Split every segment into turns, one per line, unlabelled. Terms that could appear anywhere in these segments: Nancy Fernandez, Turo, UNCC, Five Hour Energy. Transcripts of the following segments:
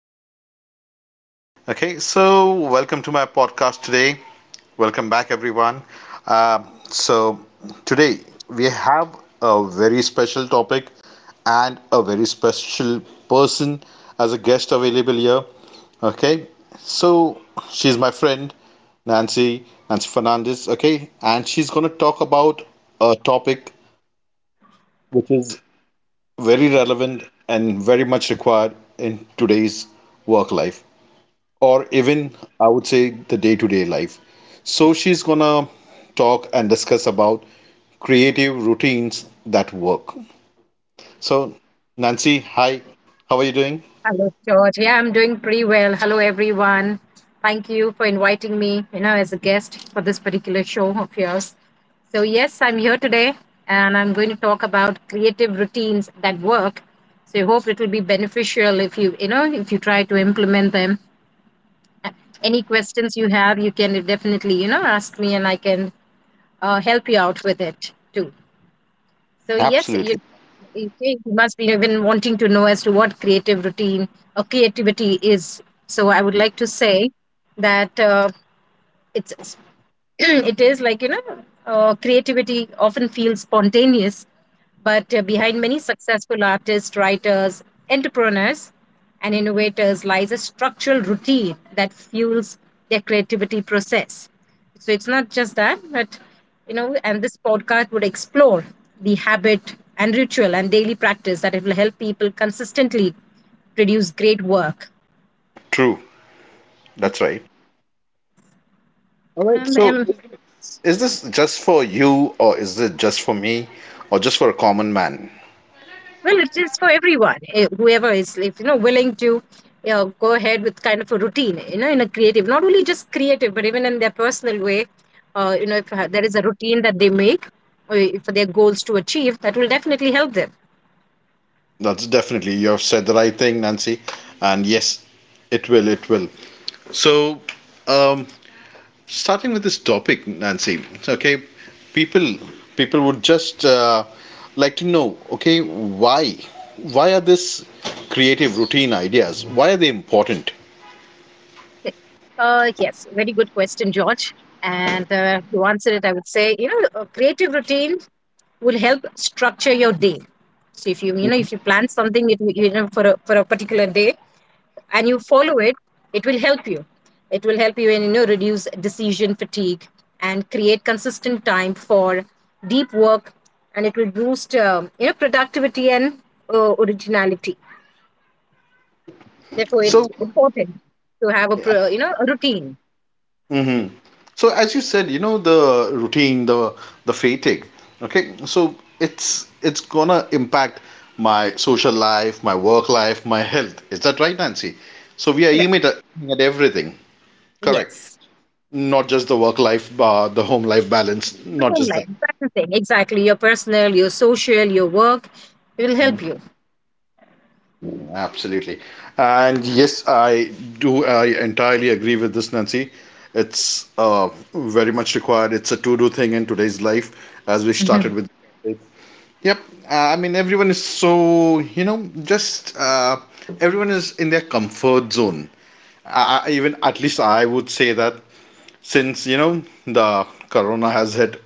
everyone is doing well. Okay, so welcome to my podcast today. Welcome back, everyone. Um, so, today we have a very special topic and a very special person as a guest available here. Okay, so she's my friend, Nancy, Nancy Fernandez. Okay, and she's going to talk about a topic which is very relevant and very much required in today's work life, or even I would say the day-to-day life. So she's gonna talk and discuss about creative routines that work. So, Nancy, hi, how are you doing?
Hello, George. Yeah, I'm doing pretty well. Hello, everyone. Thank you for inviting me, you know, as a guest for this particular show of yours. So, yes, I'm here today and I'm going to talk about creative routines that work. So, I hope it will be beneficial if if you try to implement them. Uh, Any questions you have, you can definitely, you know, ask me and I can help you out with it too. So yes,
Absolutely
you think you must be even wanting to know as to what creative routine or creativity is. So I would like to say that it's it is like you know creativity often feels spontaneous but behind many successful artists, writers, entrepreneurs, and innovators lies a structural routine that fuels their creativity process. So it's not just that, but you know, and this podcast would explore the habit and ritual and daily practice that it will help people consistently produce great work.
true. That's right. All right,
And
so is this just for you, or is it just for me, or just for a common man?
Well, it is for everyone. Whoever is, if you know, willing to you know, go ahead with kind of a routine, you know, in a creative, not only just creative, but even in their personal way, you know, if there is a routine that they make for their goals to achieve, that will definitely help them.
That's definitely you have said the right thing, Nancy. And yes, it will. So, um, starting with this topic, Nancy. Okay, people people would just like to know. Okay, why are this creative routine ideas? Why are they important?
Yes, very good question, George. And to answer it, I would say, you know, a creative routine will help structure your day. So if if you plan something, you know, for a particular day, and you follow it, it will help you. It will help you in, you know, reduce decision fatigue and create consistent time for deep work, and it will boost, you know, productivity and originality. Therefore, it's
So,
important to have you know, a routine.
mhm. So as you said, you know, the routine, the fatigue. Okay, so it's gonna impact my social life, my work life, my health. Is that right, Nancy? So we are aiming at everything. Correct.
Yes,
Not just the work life, the home life balance,
the
not
home
just that.
life. That's the thing. Exactly. Your personal, your social, your work, it will help you.
Absolutely. And yes, I entirely agree with this, Nancy. It's very much required. It's a to do thing in today's life, as we
Mm-hmm.
started with. Yep. I mean, everyone is so, you know, just everyone is in their comfort zone. I even at least I would say that since, you know, the corona has hit,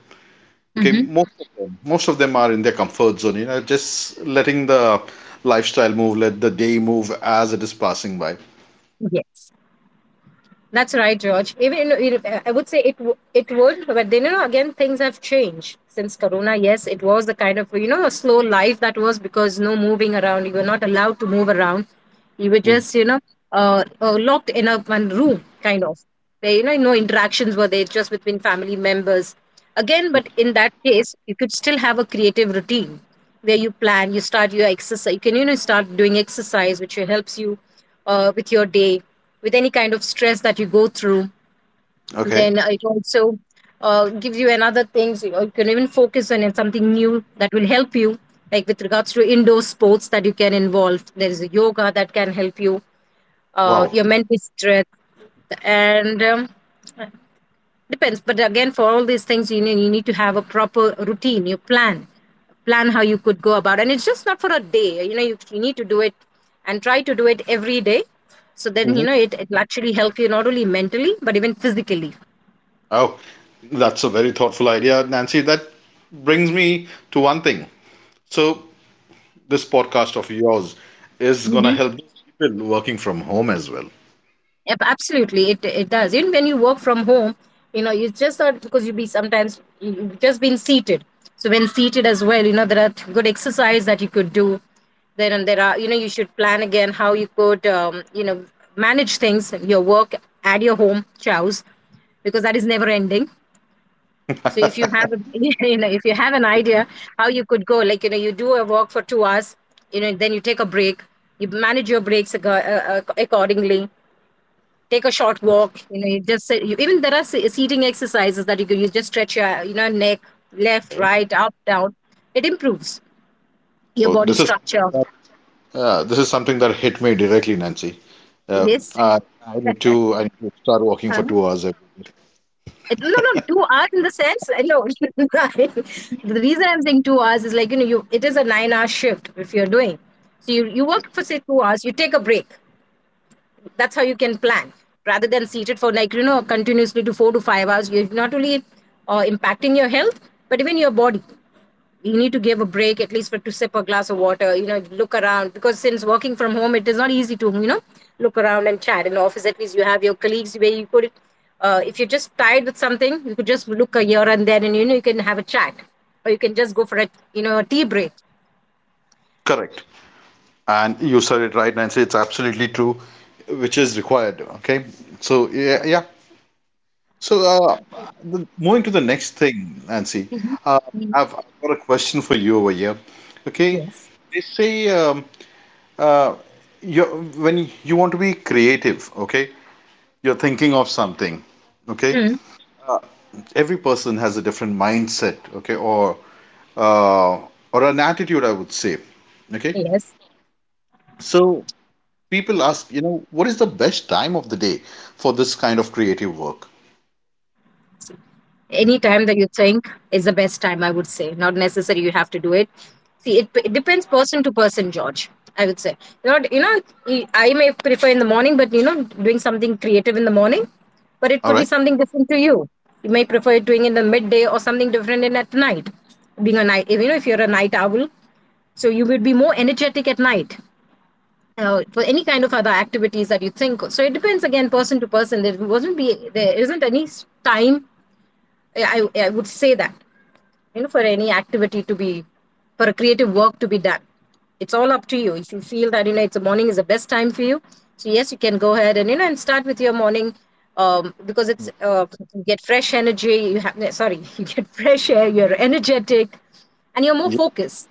okay,
Mm-hmm.
most of them are in their comfort zone, you know, just letting the lifestyle move, let the day move as it is passing by.
Yes. That's right, George. Even you know, I would say it would, but then you know again things have changed since Corona. Yes, it was the kind of you know a slow life that was because no moving around. You were not allowed to move around. You were
Mm.
just you know locked in a one room kind of. There you know no interactions were there, just between family members. Again, but in that case, you could still have a creative routine where you plan, you start your exercise. You can you know start doing exercise, which helps you with your day, with any kind of stress that you go through.
Okay.
Then it also gives you another things you know, you can even focus on it, something new that will help you, like with regards to indoor sports that you can involve, there is a yoga that can help you
Wow.
your mental strength. And Depends, but again, for all these things, you need to have a proper routine. Plan how you could go about, and it's just not for a day. You know, you need to do it and try to do it every day. So then, you
Mhm.
know, it will actually help you not only mentally but even physically.
Oh, that's a very thoughtful idea, Nancy. That brings me to one thing. So, this podcast of yours is gonna help people working from home as well.
Yep, absolutely. It does. Even when you work from home, you know, you just thought because you be sometimes you've just been seated. So when seated as well, you know, there are good exercise that you could do. Then and there are, you know, you should plan again how you could, you know, manage things, your work at your home, chows, because that is never ending. So if you have, you know, if you have an idea how you could go, like you know, you do a walk for 2 hours, you know, then you take a break, you manage your breaks accordingly. Take a short walk, you know, you, even there are seating exercises that you can use, just stretch your you know neck, left, right, up, down. It improves your
So,
body
this is something
structure.
that, this is something that hit me directly, Nancy. Uh,
Yes.
I, I need to I need to start working for
Huh?
2 hours every day.
It- No, no, 2 hours in the sense. No, the reason I'm saying 2 hours is like you know, you it is a nine-hour shift if you're doing. So you work for say 2 hours, you take a break. That's how you can plan rather than seated for like you know continuously to 4 to 5 hours. You're not only impacting your health, but even your body. You need to give a break at least for to sip a glass of water, you know, look around, because since working from home it is not easy to you know look around and chat. In the office at least you have your colleagues where you could if you're just tired with something you could just look here and there and you know you can have a chat, or you can just go for a you know a tea break.
Correct. And you said it right, Nancy. It's absolutely true, which is required. Okay, so, yeah, yeah. So, moving to the next thing, Nancy.
Mhm.
uh,
Mhm.
I've got a question for you over here. Okay,
Yes.
they say, uh, you when you want to be creative, okay, you're thinking of something, okay,
Hmm.
uh, every person has a different mindset, okay, or uh, or an attitude, I would say, okay.
Yes.
So people ask, you know, what is the best time of the day for this kind of creative work?
Any time that you think is the best time, I would say. Not necessary you have to do it. See, it depends person to person, George, I would say. Not you know, I may prefer in the morning, but you know doing something creative in the morning, but it
All
could be
right.
something different to you. You may prefer doing in the midday or something different in at night, being a night, if you know if you're a night owl, so you would be more energetic at night for any kind of other activities that you think. So it depends again person to person. There wasn't be there isn't any time. I, I would say that you know for any activity to be, for a creative work to be done, it's all up to you. If you feel that you know it's a morning is the best time for you, so yes you can go ahead and you know and start with your morning, because it's you get fresh energy, you have yeah, sorry you get fresh air, you're energetic and you're more
Yeah,
focused.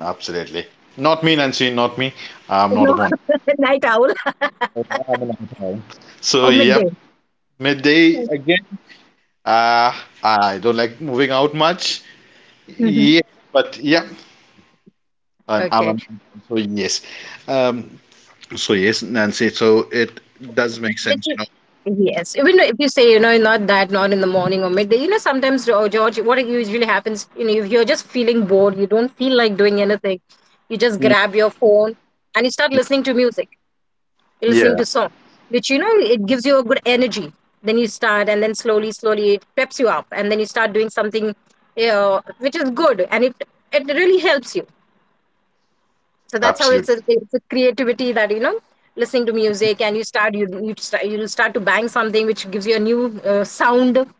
absolutely. Not me, Nancy. Not me. I'm
You
not a
know.
morning.
Night owl.
I'm an outlier. So,
Or
yep,
midday.
midday again. Uh, I don't like moving out much.
Mhm.
Yeah, but yeah, I'm
Okay.
an outlier. So, yes. Um, so, yes, Nancy. So it does make
Did
sense,
you?
you
Yes. Even if you say, you know, not that, not in the morning or midday, you know, sometimes, oh, George, what usually happens, you know, if you're just feeling bored, you don't feel like doing anything, you just
know. Mm.
grab your phone and you start listening to music, you're listening
Yeah,
to song, which, you know, it gives you a good energy. Then you start, and then slowly, slowly, it peps you up, and then you start doing something, you know, which is good, and it really helps you. So that's how
absolutely.
it's a creativity that you know, listening to music and you start you start to bang something which gives you a new sound. Yeah.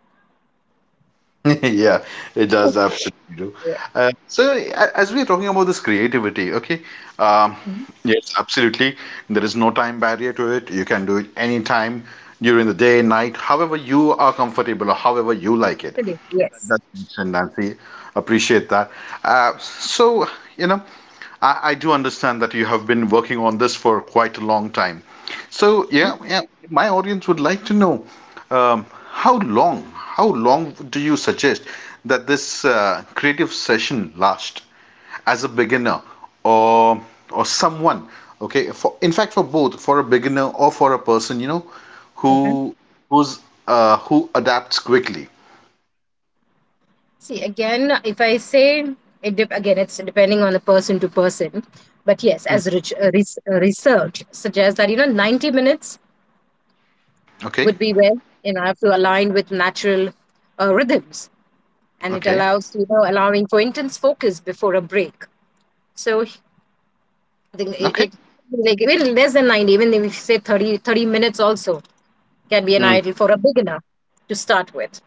Yeah, it does absolutely do. As we are talking about this creativity, okay, um,
Mhm.
yes, absolutely. There is no time barrier to it. You can do it anytime during the day, night, however you are comfortable or however you like it.
Correct. Yes.
That makes sense, Nancy. Appreciate that. So, you know, I do understand that you have been working on this for quite a long time. So,
Mhm.
yeah, yeah, my audience would like to know, how long do you suggest that this creative session last as a beginner, or someone? Okay, for in fact, for both, for a beginner or for a person, you know,
Mhm.
who who's who adapts quickly.
See again, if I say, it dep again it's depending on the person to person. But yes, as research suggests that you know 90 minutes
Okay.
would be where you know I have to align with natural rhythms, and it
Okay.
allows you know allowing for intense focus before a break. So I think it,
Okay.
it like even less than 90, even if you say 30 minutes also can be an
Mm.
ideal for a beginner to start with.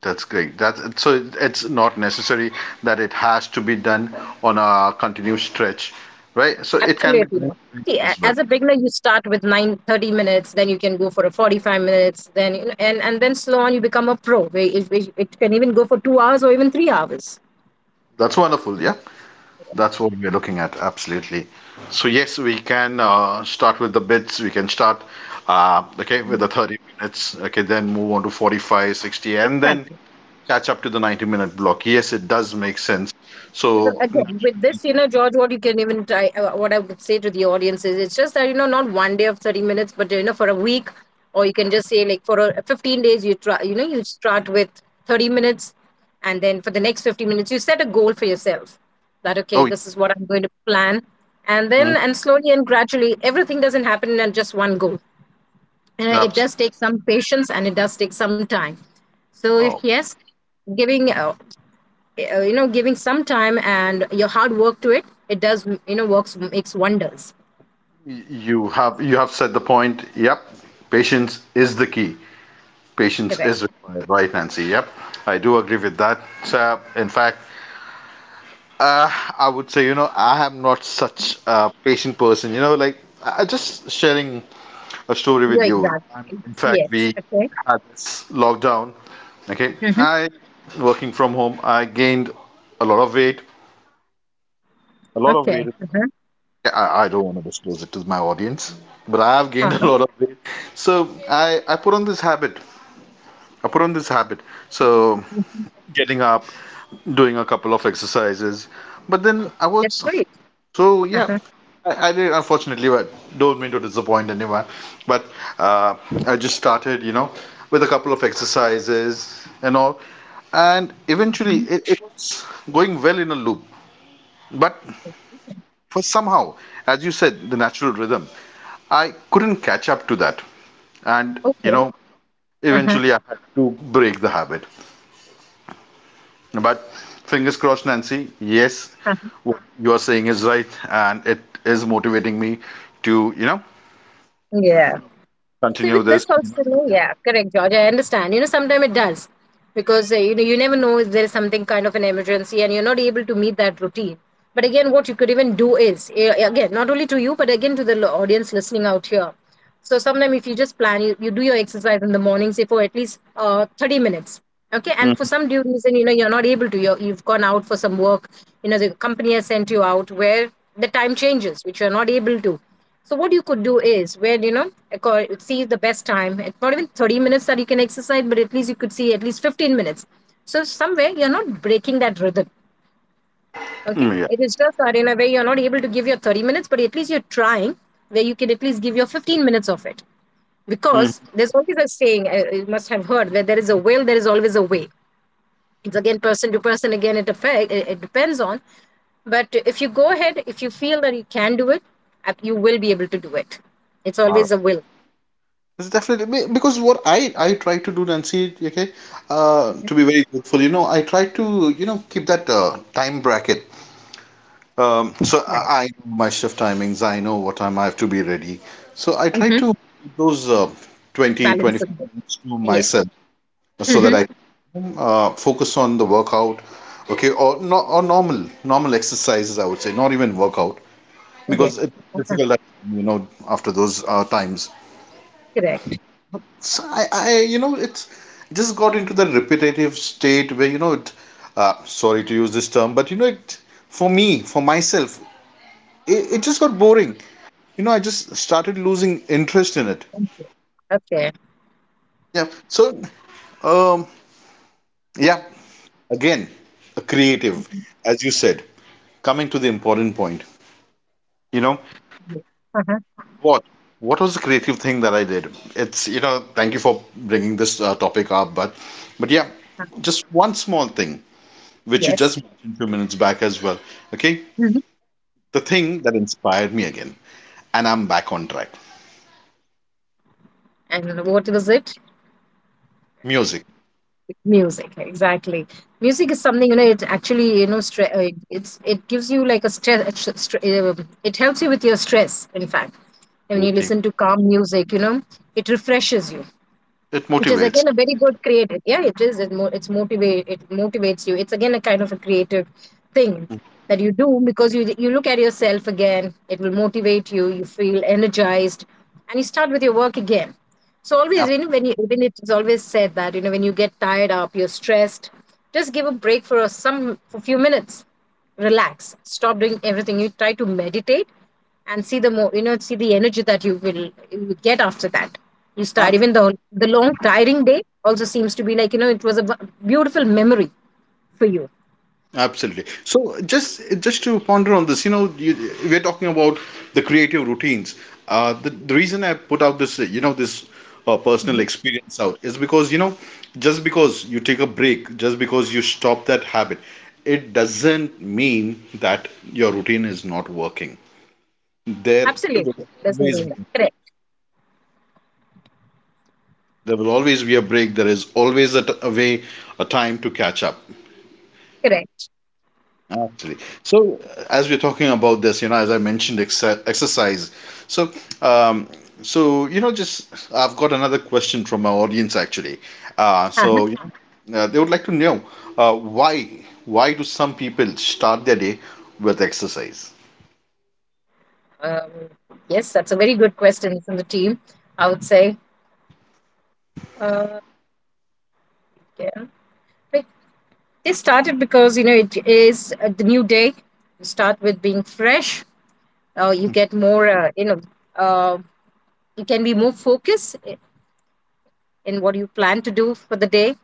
That's great. That's, so it's not necessary that it has to be done on a continuous stretch, right? So it can be
Absolutely.
done in
See,
breaks as well.
as a beginner, you start with 9 30 minutes, then you can go for a 45 minutes, then you know, and then slow on, you become a pro. Where It, it can even go for 2 hours or even 3 hours.
That's wonderful. Yeah, that's what we're looking at. Absolutely. So yes, we can start with the bits. We can start, okay, with the
Mhm.
30 minutes. Okay, then move on to 45, 60, and then
Exactly.
catch up to the 90-minute block. Yes, it does make sense.
So
So,
again with this you know George, what you can even try, what I would say to the audience is it's just that you know not one day of 30 minutes, but you know for a week, or you can just say like for a, 15 days you try, you know, you start with 30 minutes, and then for the next 15 minutes you set a goal for yourself that okay
oh, yeah.
this is what I'm going to plan. And
Mm.
then and slowly and gradually everything doesn't happen in just one go, and it
Absolutely.
does take some patience and it does take some time. So
Oh,
yes, giving you know giving some time and your hard work to it, it does you know works makes wonders.
you have said the point. Yep, patience is the key. Patience
Correct.
is required, right, Nancy? Yep, I do agree with that. So, in fact, uh, I would say, you know, I am not such a patient person. You know, like I just sharing a story with
Yeah,
you.
exactly.
In fact,
Yes.
we
Okay.
had this lockdown. Okay,
Mm-hmm.
I, working from home, I gained a lot of weight. A lot of weight.
Okay. Uh-huh.
Yeah, I don't want to disclose it to my audience, but I have gained a
Uh-huh.
lot of weight. So I put on this habit. I put on this habit. So,
Mhm.
getting up, doing a couple of exercises. But then I
That's
was.
great.
So yeah.
Uh-huh.
I did, unfortunately, but don't mean to disappoint anyone. But uh, I just started, you know, with a couple of exercises and all, and eventually
Mhm.
it's going well in a loop. But for somehow, as you said, the natural rhythm, I couldn't catch up to that. And, you
Okay.
know,
Uh-huh.
eventually I had to break the habit. But fingers crossed, Nancy, yes,
Uh-huh.
what you are saying is right. And it is motivating me to, you know,
Yeah. So
continue
with this
this.
also, yeah, correct, George. I understand. You know, sometimes it does because you know you never know if there is something kind of an emergency and you're not able to meet that routine. But again, what you could even do is again not only to you but again to the audience listening out here. So sometimes if you just plan, you do your exercise in the morning, say for at least 30 minutes. Okay, and for
Mhm,
some due reason, you know, you're not able to you've gone out for some work. You know, the company has sent you out where the time changes which you're not able to. So what you could do is where, you know, see the best time, it's not even 30 minutes that you can exercise, but at least you could see at least 15 minutes, so somewhere you're not breaking that rhythm. Okay,
yeah.
it is just that in a way you're not able to give your 30 minutes, but at least you're trying, where you can at least give your 15 minutes of it. Because there's always a saying, you must have heard, where there is a will there is always a way. It's again person to person, again it it depends on. But if you go ahead, if you feel that you can do it, you will be able to do it. It's
All right.
always a will.
It's definitely because what I try to do, Nancy. Okay,
Mhm.
to be very truthful, you know, I try to, you know, keep that time bracket. So
Right.
I know my shift timings. I know what time I have to be ready. So I try
Hmm.
to keep those 20,
Balance of
twenty-five
it.
minutes to
Yeah.
myself so that
Hmm.
I can focus on the workout, okay, or, no, or normal exercises, I would say, not even workout,
Yeah.
because it's
Uh-huh.
difficult, at, you know, after those times.
Correct.
So I you know, it just got into that repetitive state where, you know, it, sorry to use this term, but, you know, it, for me, for myself, it just got boring. You know, I just started losing interest in it.
Thank you. Okay.
Yeah. So, um, yeah, again, a creative,
Mhm.
as you said, coming to the important point, you know,
Yeah. Uh-huh.
what? What was the creative thing that I did? It's, you know, thank you for bringing this topic up, but, yeah,
Uh,
just one small thing, which you
yes.
just mentioned a few minutes back as well. Okay.
Hmm.
The thing that inspired me again, and I'm back on track.
And what was it?
Music,
Music, exactly. Music is something, you know, it actually, you know, it's it gives you like a stress. It helps you with your stress, in fact. When you
absolutely.
listen to calm music, you know, it refreshes you,
It
which is
motivates.
again a very good creative. Yeah, it is, it mo- it's motivate it motivates you. It's again a kind of a creative thing that you do, because you look at yourself. Again, it will motivate you, you feel energized, and you start with your work again. So always, you
Ab-
know, when it is always said that, you know, when you get tired up, you're stressed, just give a break for a few minutes. Relax, stop doing everything, you try to meditate, and see the more, you know, see the energy that you will get after that. You start, even the long tiring day also seems to be like, you know, it was a beautiful memory for you.
Absolutely. So just to ponder on this, you know, we're talking about the creative routines. The reason I put out this, you know, this personal
Mhm.
experience out is because, you know, just because you take a break, just because you stop that habit, it doesn't mean that your routine is not working. There
Absolutely,
will
there's no
always
way that-
be,
correct.
there will always be a break. There is always a, a way, a time to catch up.
Correct.
Absolutely. So, as we're talking about this, you know, as I mentioned, exercise. So, um, so you know, just I've got another question from our audience actually.
Uh-huh.
You know, they would like to know, why do some people start their day with exercise?
um, yes, that's a very good question from the team. I would say, uh, yeah. But they started because, you know, it is, the new day, you start with being fresh. You get more, you know, uh, you can be more focused in what you plan to do for the day,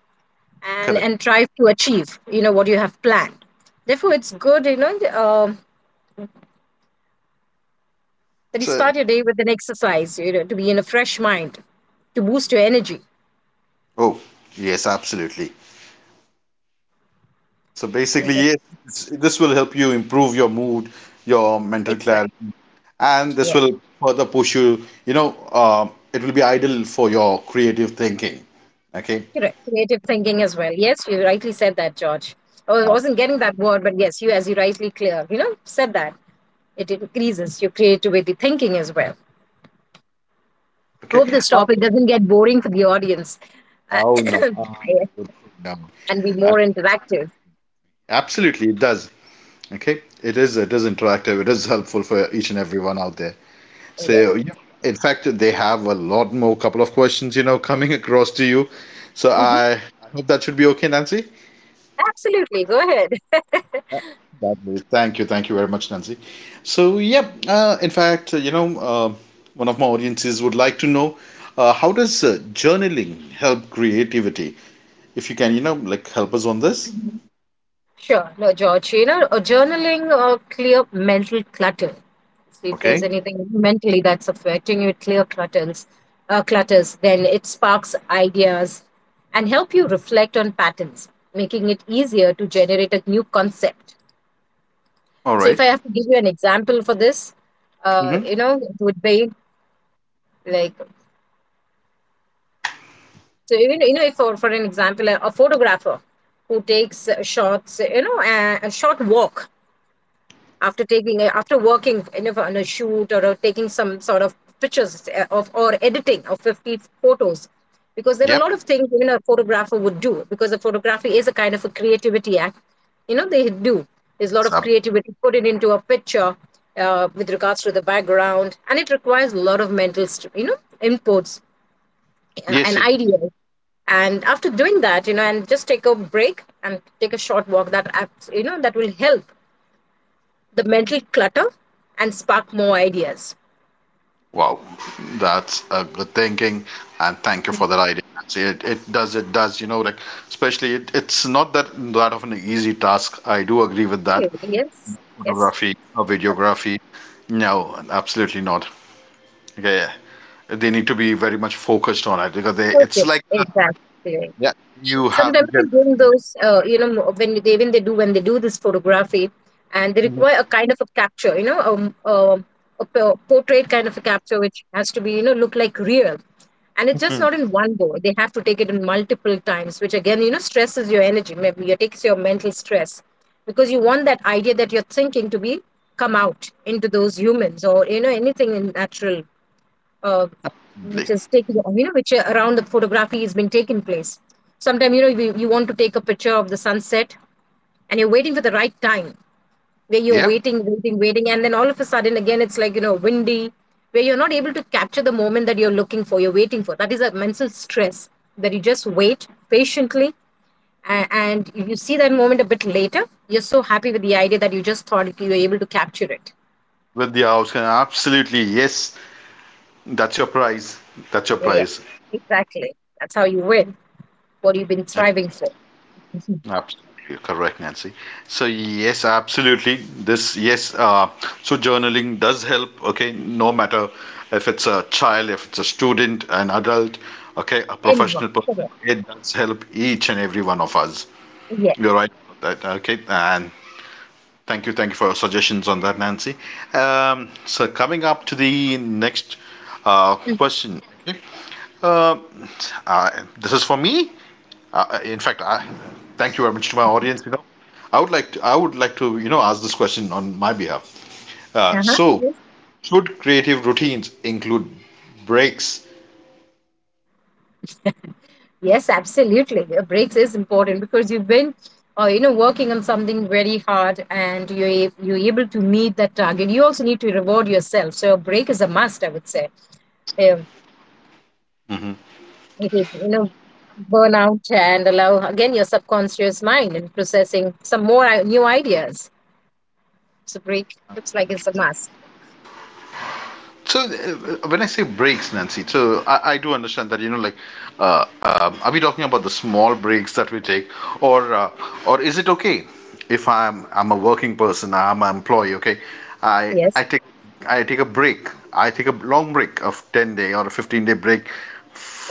Correct.
and try to achieve, you know, what you have planned. Therefore it's good, you know, that you
So,
start your day with an exercise, you know, to be in a fresh mind, to boost your energy.
oh, yes, absolutely. So basically,
Okay.
yes, this will help you improve your mood, your mental
Exactly.
clarity. And this
Yeah,
will further push you, you know, it will be ideal for your creative thinking. Okay.
correct. Creative thinking as well, yes, you rightly said that, George. I
uh,
wasn't getting that word, but yes, you, as you rightly clear, you know, said that it increases your creativity thinking as well.
okay.
Hope this
Uh,
topic doesn't get boring for the audience. Uh,
oh no. Good freedom.
and be more
And
interactive.
absolutely it does. Okay, it is interactive, it is helpful for each and everyone out there.
Yeah.
So, yeah, in fact, they have a lot more couple of questions, you know, coming across to you. So
Mhm.
I hope that should be okay, Nancy.
Absolutely. Go ahead.
Thank you very much, Nancy. So, yeah, in fact, you know, one of my audiences would like to know, how does journaling help creativity? If you can, you know, like help us on this.
Sure. No, George, you know, journaling or clear mental clutter. See, if there's
Okay.
anything mentally that's affecting you, it clear clutters, clutters, then it sparks ideas and help you reflect on patterns, making it easier to generate a new concept.
All
So if
right.
I have to give you an example for this,
Mm-hmm.
you know, it would be like. So even, you know, if for an example, a photographer who takes shots, you know, a short walk after taking after working, you know, on a shoot, or taking some sort of pictures of or editing of 50 photos, because there are a
Yep.
lot of things, you know, a photographer would do, because the photography is a kind of a creativity act. You know, they do. There's a lot
It's,
of creativity put it into a picture, with regards to the background, and it requires a lot of mental, you know, inputs,
yes.
an
It,
idea. And after doing that, you know, and just take a break and take a short walk, that acts, you know, that will help the mental clutter and spark more ideas.
wow. That's a good thinking, and thank you for that idea, Nancy. It does you know, like, especially it's not that of an easy task. I do agree with that.
Okay, yes. Yes.
Photography, or videography. No, absolutely not. Okay, they need to be very much focused on it because they it's
Focus,
like,
exactly.
yeah, you have to
Sometimes
get.
when doing those, you know, when they do this photography, and they
Mhm.
require a kind of a capture, you know, a portrait kind of a capture, which has to be, you know, look like real, and it's just not in one go. They have to take it in multiple times, which again, you know, stresses your energy. Maybe it takes your mental stress, because you want that idea that you're thinking to be come out into those humans, or you know anything in natural, uh, which is taken, you know, which around the photography has been taking place. Sometimes, you know, you want to take a picture of the sunset, and you're waiting for the right time, where you're
Yeah,
waiting. And then all of a sudden, again, it's like, you know, windy, where you're not able to capture the moment that you're looking for, you're waiting for. That is a mental stress, that you just wait patiently. And if you see that moment a bit later, you're so happy with the idea that you just thought you were able to capture it.
with the outcome, absolutely, yes. That's your prize, that's your
Yeah,
prize.
exactly. That's how you win. What you've been striving for. Mhm.
Yeah. Absolutely correct, Nancy. So, yes, absolutely. This. Yes. So journaling does help. Okay, no matter if it's a child, if it's a student, an adult, okay, a
Anyone.
professional person,
Correct.
it does help each and every one of us.
Yeah.
You're right about that, okay. And thank you, thank you for your suggestions on that, Nancy. So coming up to the next
Hmm.
question. Okay. Um, this is for me. In fact, thank you very much to my
Mhm.
audience. I would like to, ask this question on my behalf. Uh,
Uh-huh.
so,
Yes.
should creative routines include breaks?
Yes, absolutely. A breaks is important, because you've been, you know, working on something very hard, and you're able to meet that target. You also need to reward yourself. So a break is a must, I would say. Um, it is, you know, burn out and allow again your subconscious mind in processing some more new ideas. So break looks like it's a must.
So when I say breaks, Nancy, so I do understand that, you know, like, are we talking about the small breaks that we take, or or is it okay if I'm a working person, I'm an employee? Okay, I I
Yes.
take I take a break, I take a long break of 10 day or a 15 day break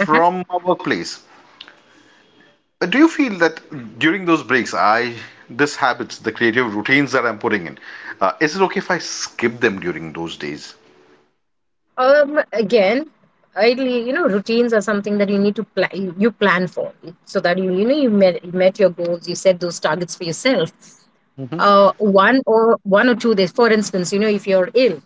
Uh-huh.
my workplace. Do you feel that during those breaks, I — this habits, the creative routines that I'm putting in, is it okay if I skip them during those days?
Again, ideally, you know, routines are something that you need to plan. You plan for, so that you know you met your goals. You set those targets for yourself.
Mhm.
One or one or two days. For instance, you know, if you're ill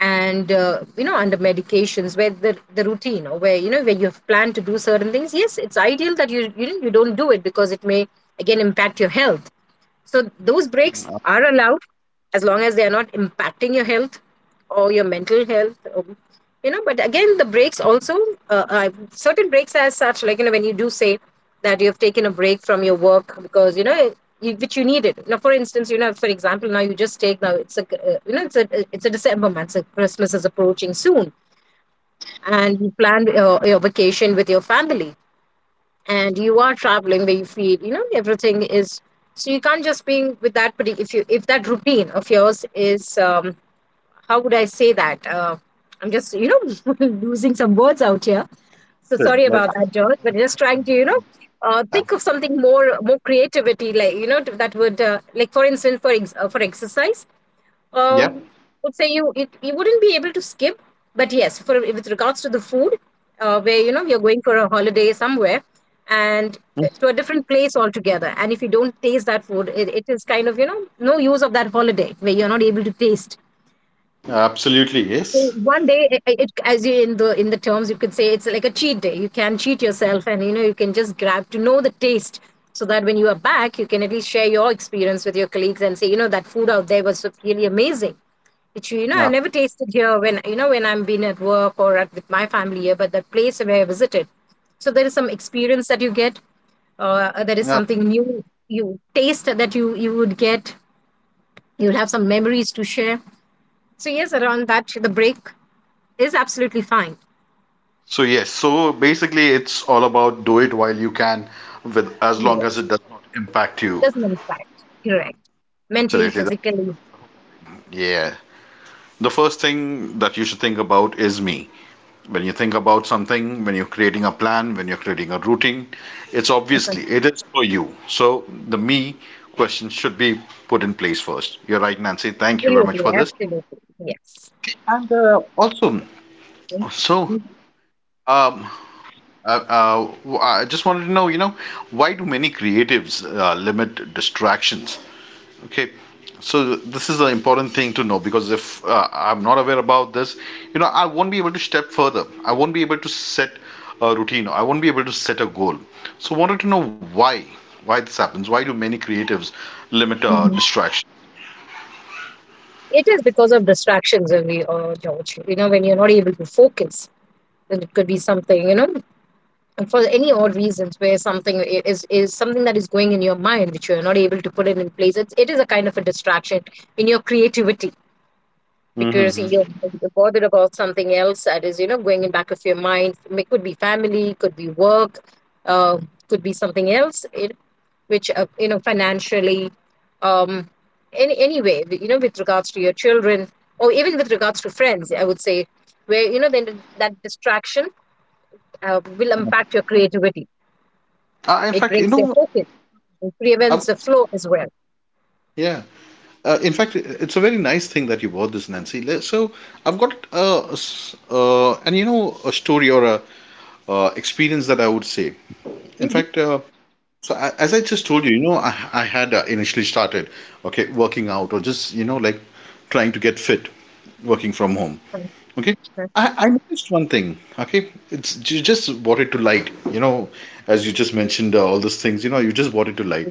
and, you know, under medications, where the routine, or where, you know, where you have planned to do certain things. Yes, it's ideal that you don't do it, because it may again impact your health. So those breaks are allowed, as long as they are not impacting your health or your mental health. You know, but again, the breaks also, certain breaks as such, like, you know, when you do say that you have taken a break from your work because, you know, which you needed. Now, for instance, you know, for example, now it's you know, it's a December month, so Christmas is approaching soon, and you planned your vacation with your family, and you are traveling where you feel, you know, everything is, so you can't just be with that. But if you if that routine of yours is, how would I say that, I'm just, you know, losing some words out here. So sorry
Like.
about that, George, but just trying to, you know, think of something more creativity, like, you know, that would, like for instance, for exercise,
Yeah.
um, would say you, you wouldn't be able to skip, but yes, for with regards to the food, where, you know, you're going for a holiday somewhere and to a different place altogether, and if you don't taste that food, it is kind of, you know, no use of that holiday where you're not able to taste.
Absolutely,
So
yes.
one day, as you in the terms, you could say it's like a cheat day. You can cheat yourself, and you know you can just grab to know the taste, so that when you are back, you can at least share your experience with your colleagues and say, you know, that food out there was really amazing, which, you know, I've
Yep.
never tasted here when, you know, when I'm been at work or at with my family here, but the place where I visited. So there is some experience that you get. There is
Yep.
something new you taste that you would get. You'll have some memories to share. So yes, around that, the break is absolutely fine.
So, yes, so basically it's all about do it while you can, with as long as
Yes,
it does not impact you.
doesn't affect. Correct. Mentally,
Absolutely.
physically,
Yeah. The first thing that you should think about is me. When you think about something, when you're creating a plan, when you're creating a routine, it's obviously it is for you. So the me question should be put in place first. You're right, Nancy. Thank you very much
absolutely,
for this.
absolutely, yes.
And also,
Okay.
so
Mhm,
um, I just wanted to know, why do many creatives limit distractions? Okay, so this is an important thing to know, because if I'm not aware about this, I won't be able to step further. I won't be able to set a routine. I won't be able to set a goal. So wanted to know why this happens. Why do many creatives limit
mhm.
distraction?
It is because of distractions only, George. You know, when you're not able to focus, then it could be something, you know, and for any odd reasons where something is something that is going in your mind which you are not able to put it in place. It is a kind of a distraction in your creativity, because you're bothered about something else that is, you know, going in back of your mind. It could be family, could be work, uh, could be something else, it, which, you know, financially, um any anyway, you know, with regards to your children, or even with regards to friends, I would say, where, you know, then that distraction will impact your creativity.
In
It
fact,
breaks their focus. It
I've,
prevents the flow as well.
yeah. In fact, it's a very nice thing that you bought this, Nancy. So I've got a, s- and you know, a story or a experience that I would say. In
Hmm.
fact, as I just told you, I had initially started, okay, working out or just like trying to get fit, working from home. Okay, I noticed one thing. Okay, it's — you just brought it to light. You know, as you just mentioned all these things. You know, you just brought it to light.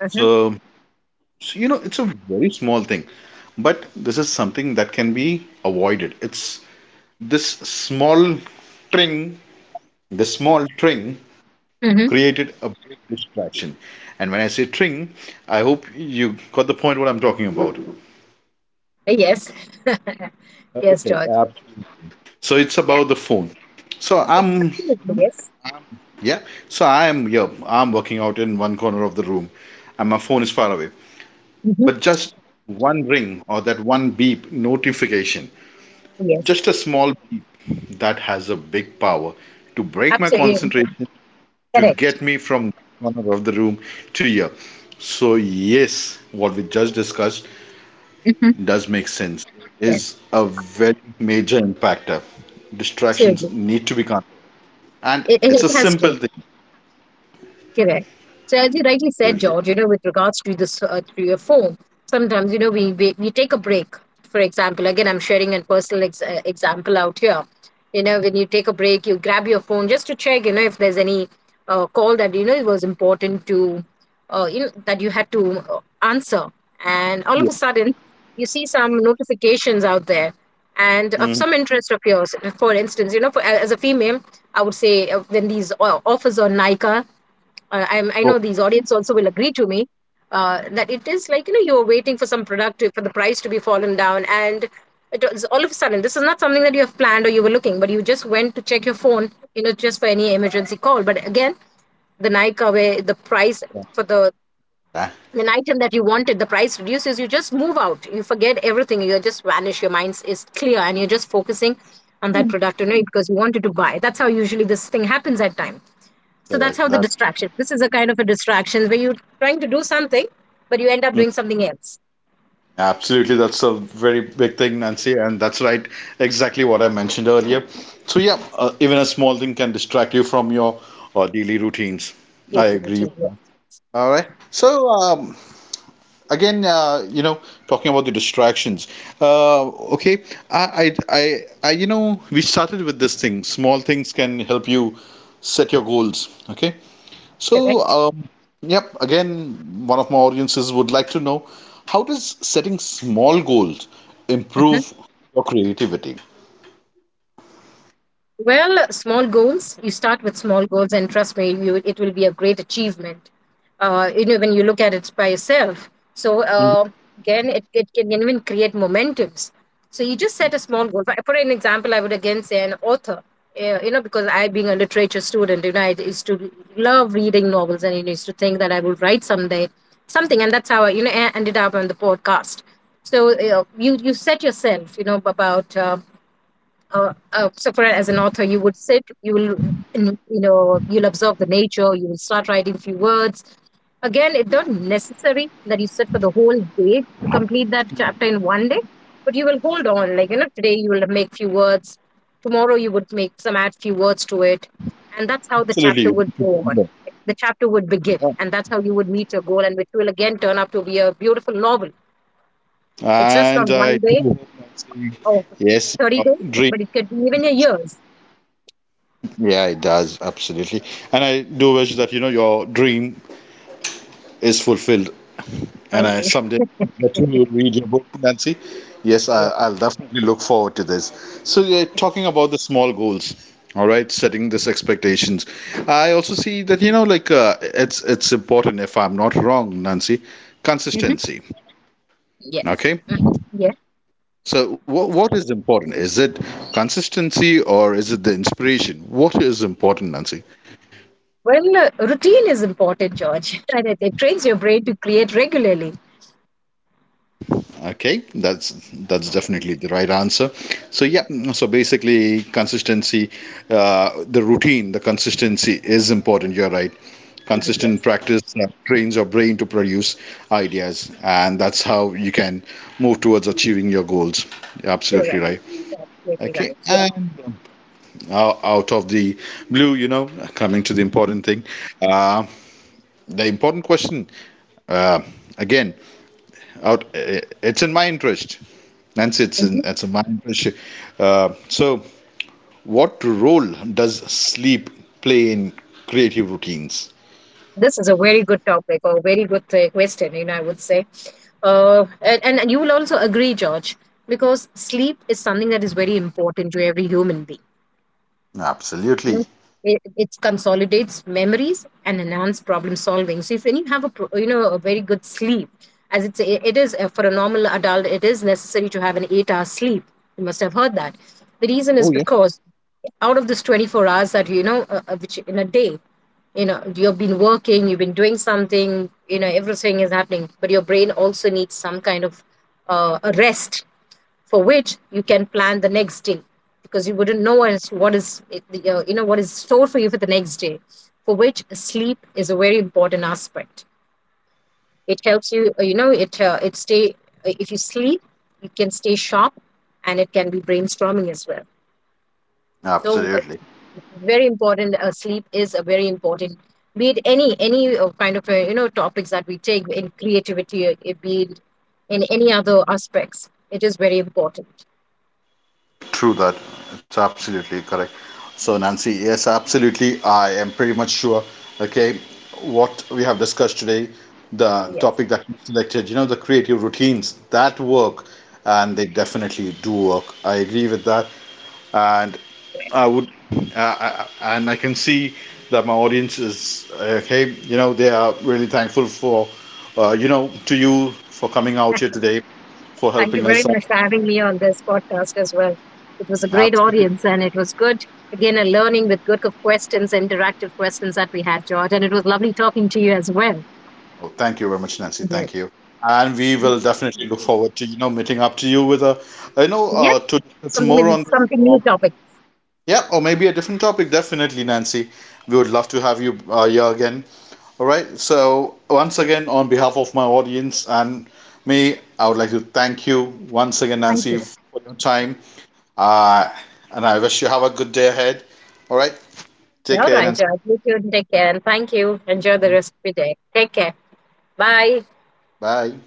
Uh-huh.
So, so, you know, it's a very small thing, but this is something that can be avoided. It's this small tring the small tring
Uh-huh.
created a big distraction. And when I say tring, I hope you got the point what I'm talking about.
Yes. Yes,
Okay,
George.
absolutely. So it's
Yeah.
about the phone. So
Yeah,
I'm
absolutely, yes.
Yeah. so I am Yeah, I'm working out in one corner of the room, and my phone is far away.
Mhm.
But just one ring or that one beep notification,
Yes,
just a small beep, that has a big power to break my
absolutely.
concentration, to
Correct.
get me from one corner of the room to here. So yes, what we just discussed
Mhm.
does make sense.
Correct.
Is a very major impactor. Distractions
Absolutely.
need to be controlled, and
It, it
it's
it
a
has to.
simple thing.
Correct. So as you rightly said,
Absolutely.
George, you know, with regards to this, to your phone, sometimes, you know, we take a break. For example, again, I'm sharing a personal example out here. You know, when you take a break, you grab your phone just to check, you know, if there's any call that, you know, it was important to, you know, that you had to answer. And all
Yeah.
of a sudden, you see some notifications out there, and of
Mhm.
some interest of yours. For instance, you know, for, as a female, I would say, when these offers on Nika, I know
Correct.
these audience also will agree to me, that it is like, you know, you're waiting for some product for the price to be fallen down. And it was all of a sudden. This is not something that you have planned or you were looking, but you just went to check your phone, you know, just for any emergency call. But again, the Nika, where the price for the
That-
an item that you wanted, the price reduces, you just move out. You forget everything. You just vanish. Your mind is clear and you're just focusing on that product, you know, because you wanted to buy. That's how usually this thing happens at time. So that's
Correct.
how the
That.
distraction. This is a kind of a distraction where you're trying to do something, but you end up doing something else.
Absolutely, that's a very big thing, Nancy, and that's right, exactly what I mentioned earlier. So, yeah, even a small thing can distract you from your daily routines.
Yes,
I
you
agree
achieve
with
it.
that. All right. Again, you know, talking about the distractions. Uh, okay, you know, we started with this thing. Small things can help you set your goals. Okay, so,
Correct?
um, yep, again, one of my audiences would like to know, how does setting small goals
Mhm.
improve your creativity?
Well, small goals. You start with small goals, and trust me, you it will be a great achievement. You know, when you look at it by yourself. So again, it can even create momentums. So you just set a small goal. For an example, I would again say an author. You know, because I, being a literature student, you know, I used to love reading novels, and, you know, used to think that I would write someday something, and that's how I, you know, ended up on the podcast. So you set yourself, you know, about. So for as an author, you would sit, you will you know, you'll observe the nature. You will start writing few words. Again, it's not necessary that you sit for the whole day to complete that chapter in one day, but you will hold on, like, you know, today you will make few words, tomorrow you would make some add few words to it, and that's how the chapter
Absolutely.
would go on. The chapter would begin, and that's how you would meet your goal, and which will again turn out to be a beautiful novel. It's just not
And
one
I
day
do,
or
yes,
30 days,
dream.
but it could be even a years.
Yeah, it does, absolutely. And I do wish that, you know, your dream is fulfilled. And
Thank
I
you.
someday that you read your book, Nancy. Yes,
Yeah.
I'll definitely look forward to this. So you're talking about the small goals, all right? Setting these expectations. I also see that, you know, like it's important. If I'm not wrong, Nancy,
Mhm.
consistency.
Yes.
Okay.
Hmm. Yeah.
So what is important? Is it consistency or is it the inspiration? What is important, Nancy?
Well, routine is important, George. And it trains your brain to create regularly.
Okay, that's definitely the right answer. So, yeah, so basically consistency, the routine, the consistency is important. You're right.
Mhm.
Consistent
Yes,
practice trains your brain to produce ideas, and that's how you can move towards achieving your goals. You're absolutely
correct.
right.
Absolutely
Okay,
right. Yeah.
and out of the blue, you know, coming to the important thing, uh, the important question, uh, again out it's in my interest, Nancy. it's
Mhm.
in it's in my interest. So what role does sleep play in creative routines?
This is a very good topic, or very good question, you know, I would say. And, and you will also agree, George, because sleep is something that is very important to every human being. You
Absolutely.
know, it consolidates memories and enhance problem solving. So if, when you have a you know, a very good sleep, as it is for a normal adult, it is necessary to have an 8-hour sleep. You must have heard that. The reason is
Oh, yeah.
because out of this 24 hours that, which in a day, you know, you've been working, you've been doing something, you know, everything is happening, but your brain also needs some kind of a rest, for which you can plan the next day, because you wouldn't know as what is you know, what is stored for you for the next day, for which sleep is a very important aspect. It helps you, you know, it stay, if you sleep, you can stay sharp, and it can be brainstorming as well. So
Absolutely.
very important, sleep is a very important, be it any kind of you know, topics that we take in creativity, it be it in any other aspects, it is very important.
True that. It's absolutely correct. So, Nancy, yes, absolutely. I am pretty much sure, okay, what we have discussed today, the
Yes.
topic that you selected, you know, the creative routines that work, and they definitely do work. I agree with that. And I would, and I can see that my audience is okay. You know, they are really thankful for, you know, to you for coming out here today for
Thank you
helping
very
us out.
much for having me on this podcast as well. It was a great
Absolutely.
audience and it was good. Again, a learning with good questions, interactive questions that we had, George. And it was lovely talking to you as well.
Oh, thank you very much, Nancy.
Yes.
Thank you. And we will definitely look forward to meeting up to you with a, you know,
Yes,
to discuss
something,
more
with
on this.
something new
Or,
topic.
yeah, or maybe a different topic. Definitely, Nancy. We would love to have you here again. All right, so once again, on behalf of my audience and me, I would like to thank you once again,
Thank
Nancy,
you.
for your time. Uh, and I wish you have a good day ahead. All right, take
All
care,
right,
Nancy.
George. You too. Take care and thank you. Enjoy the rest of your day. Take care. Bye.
Bye.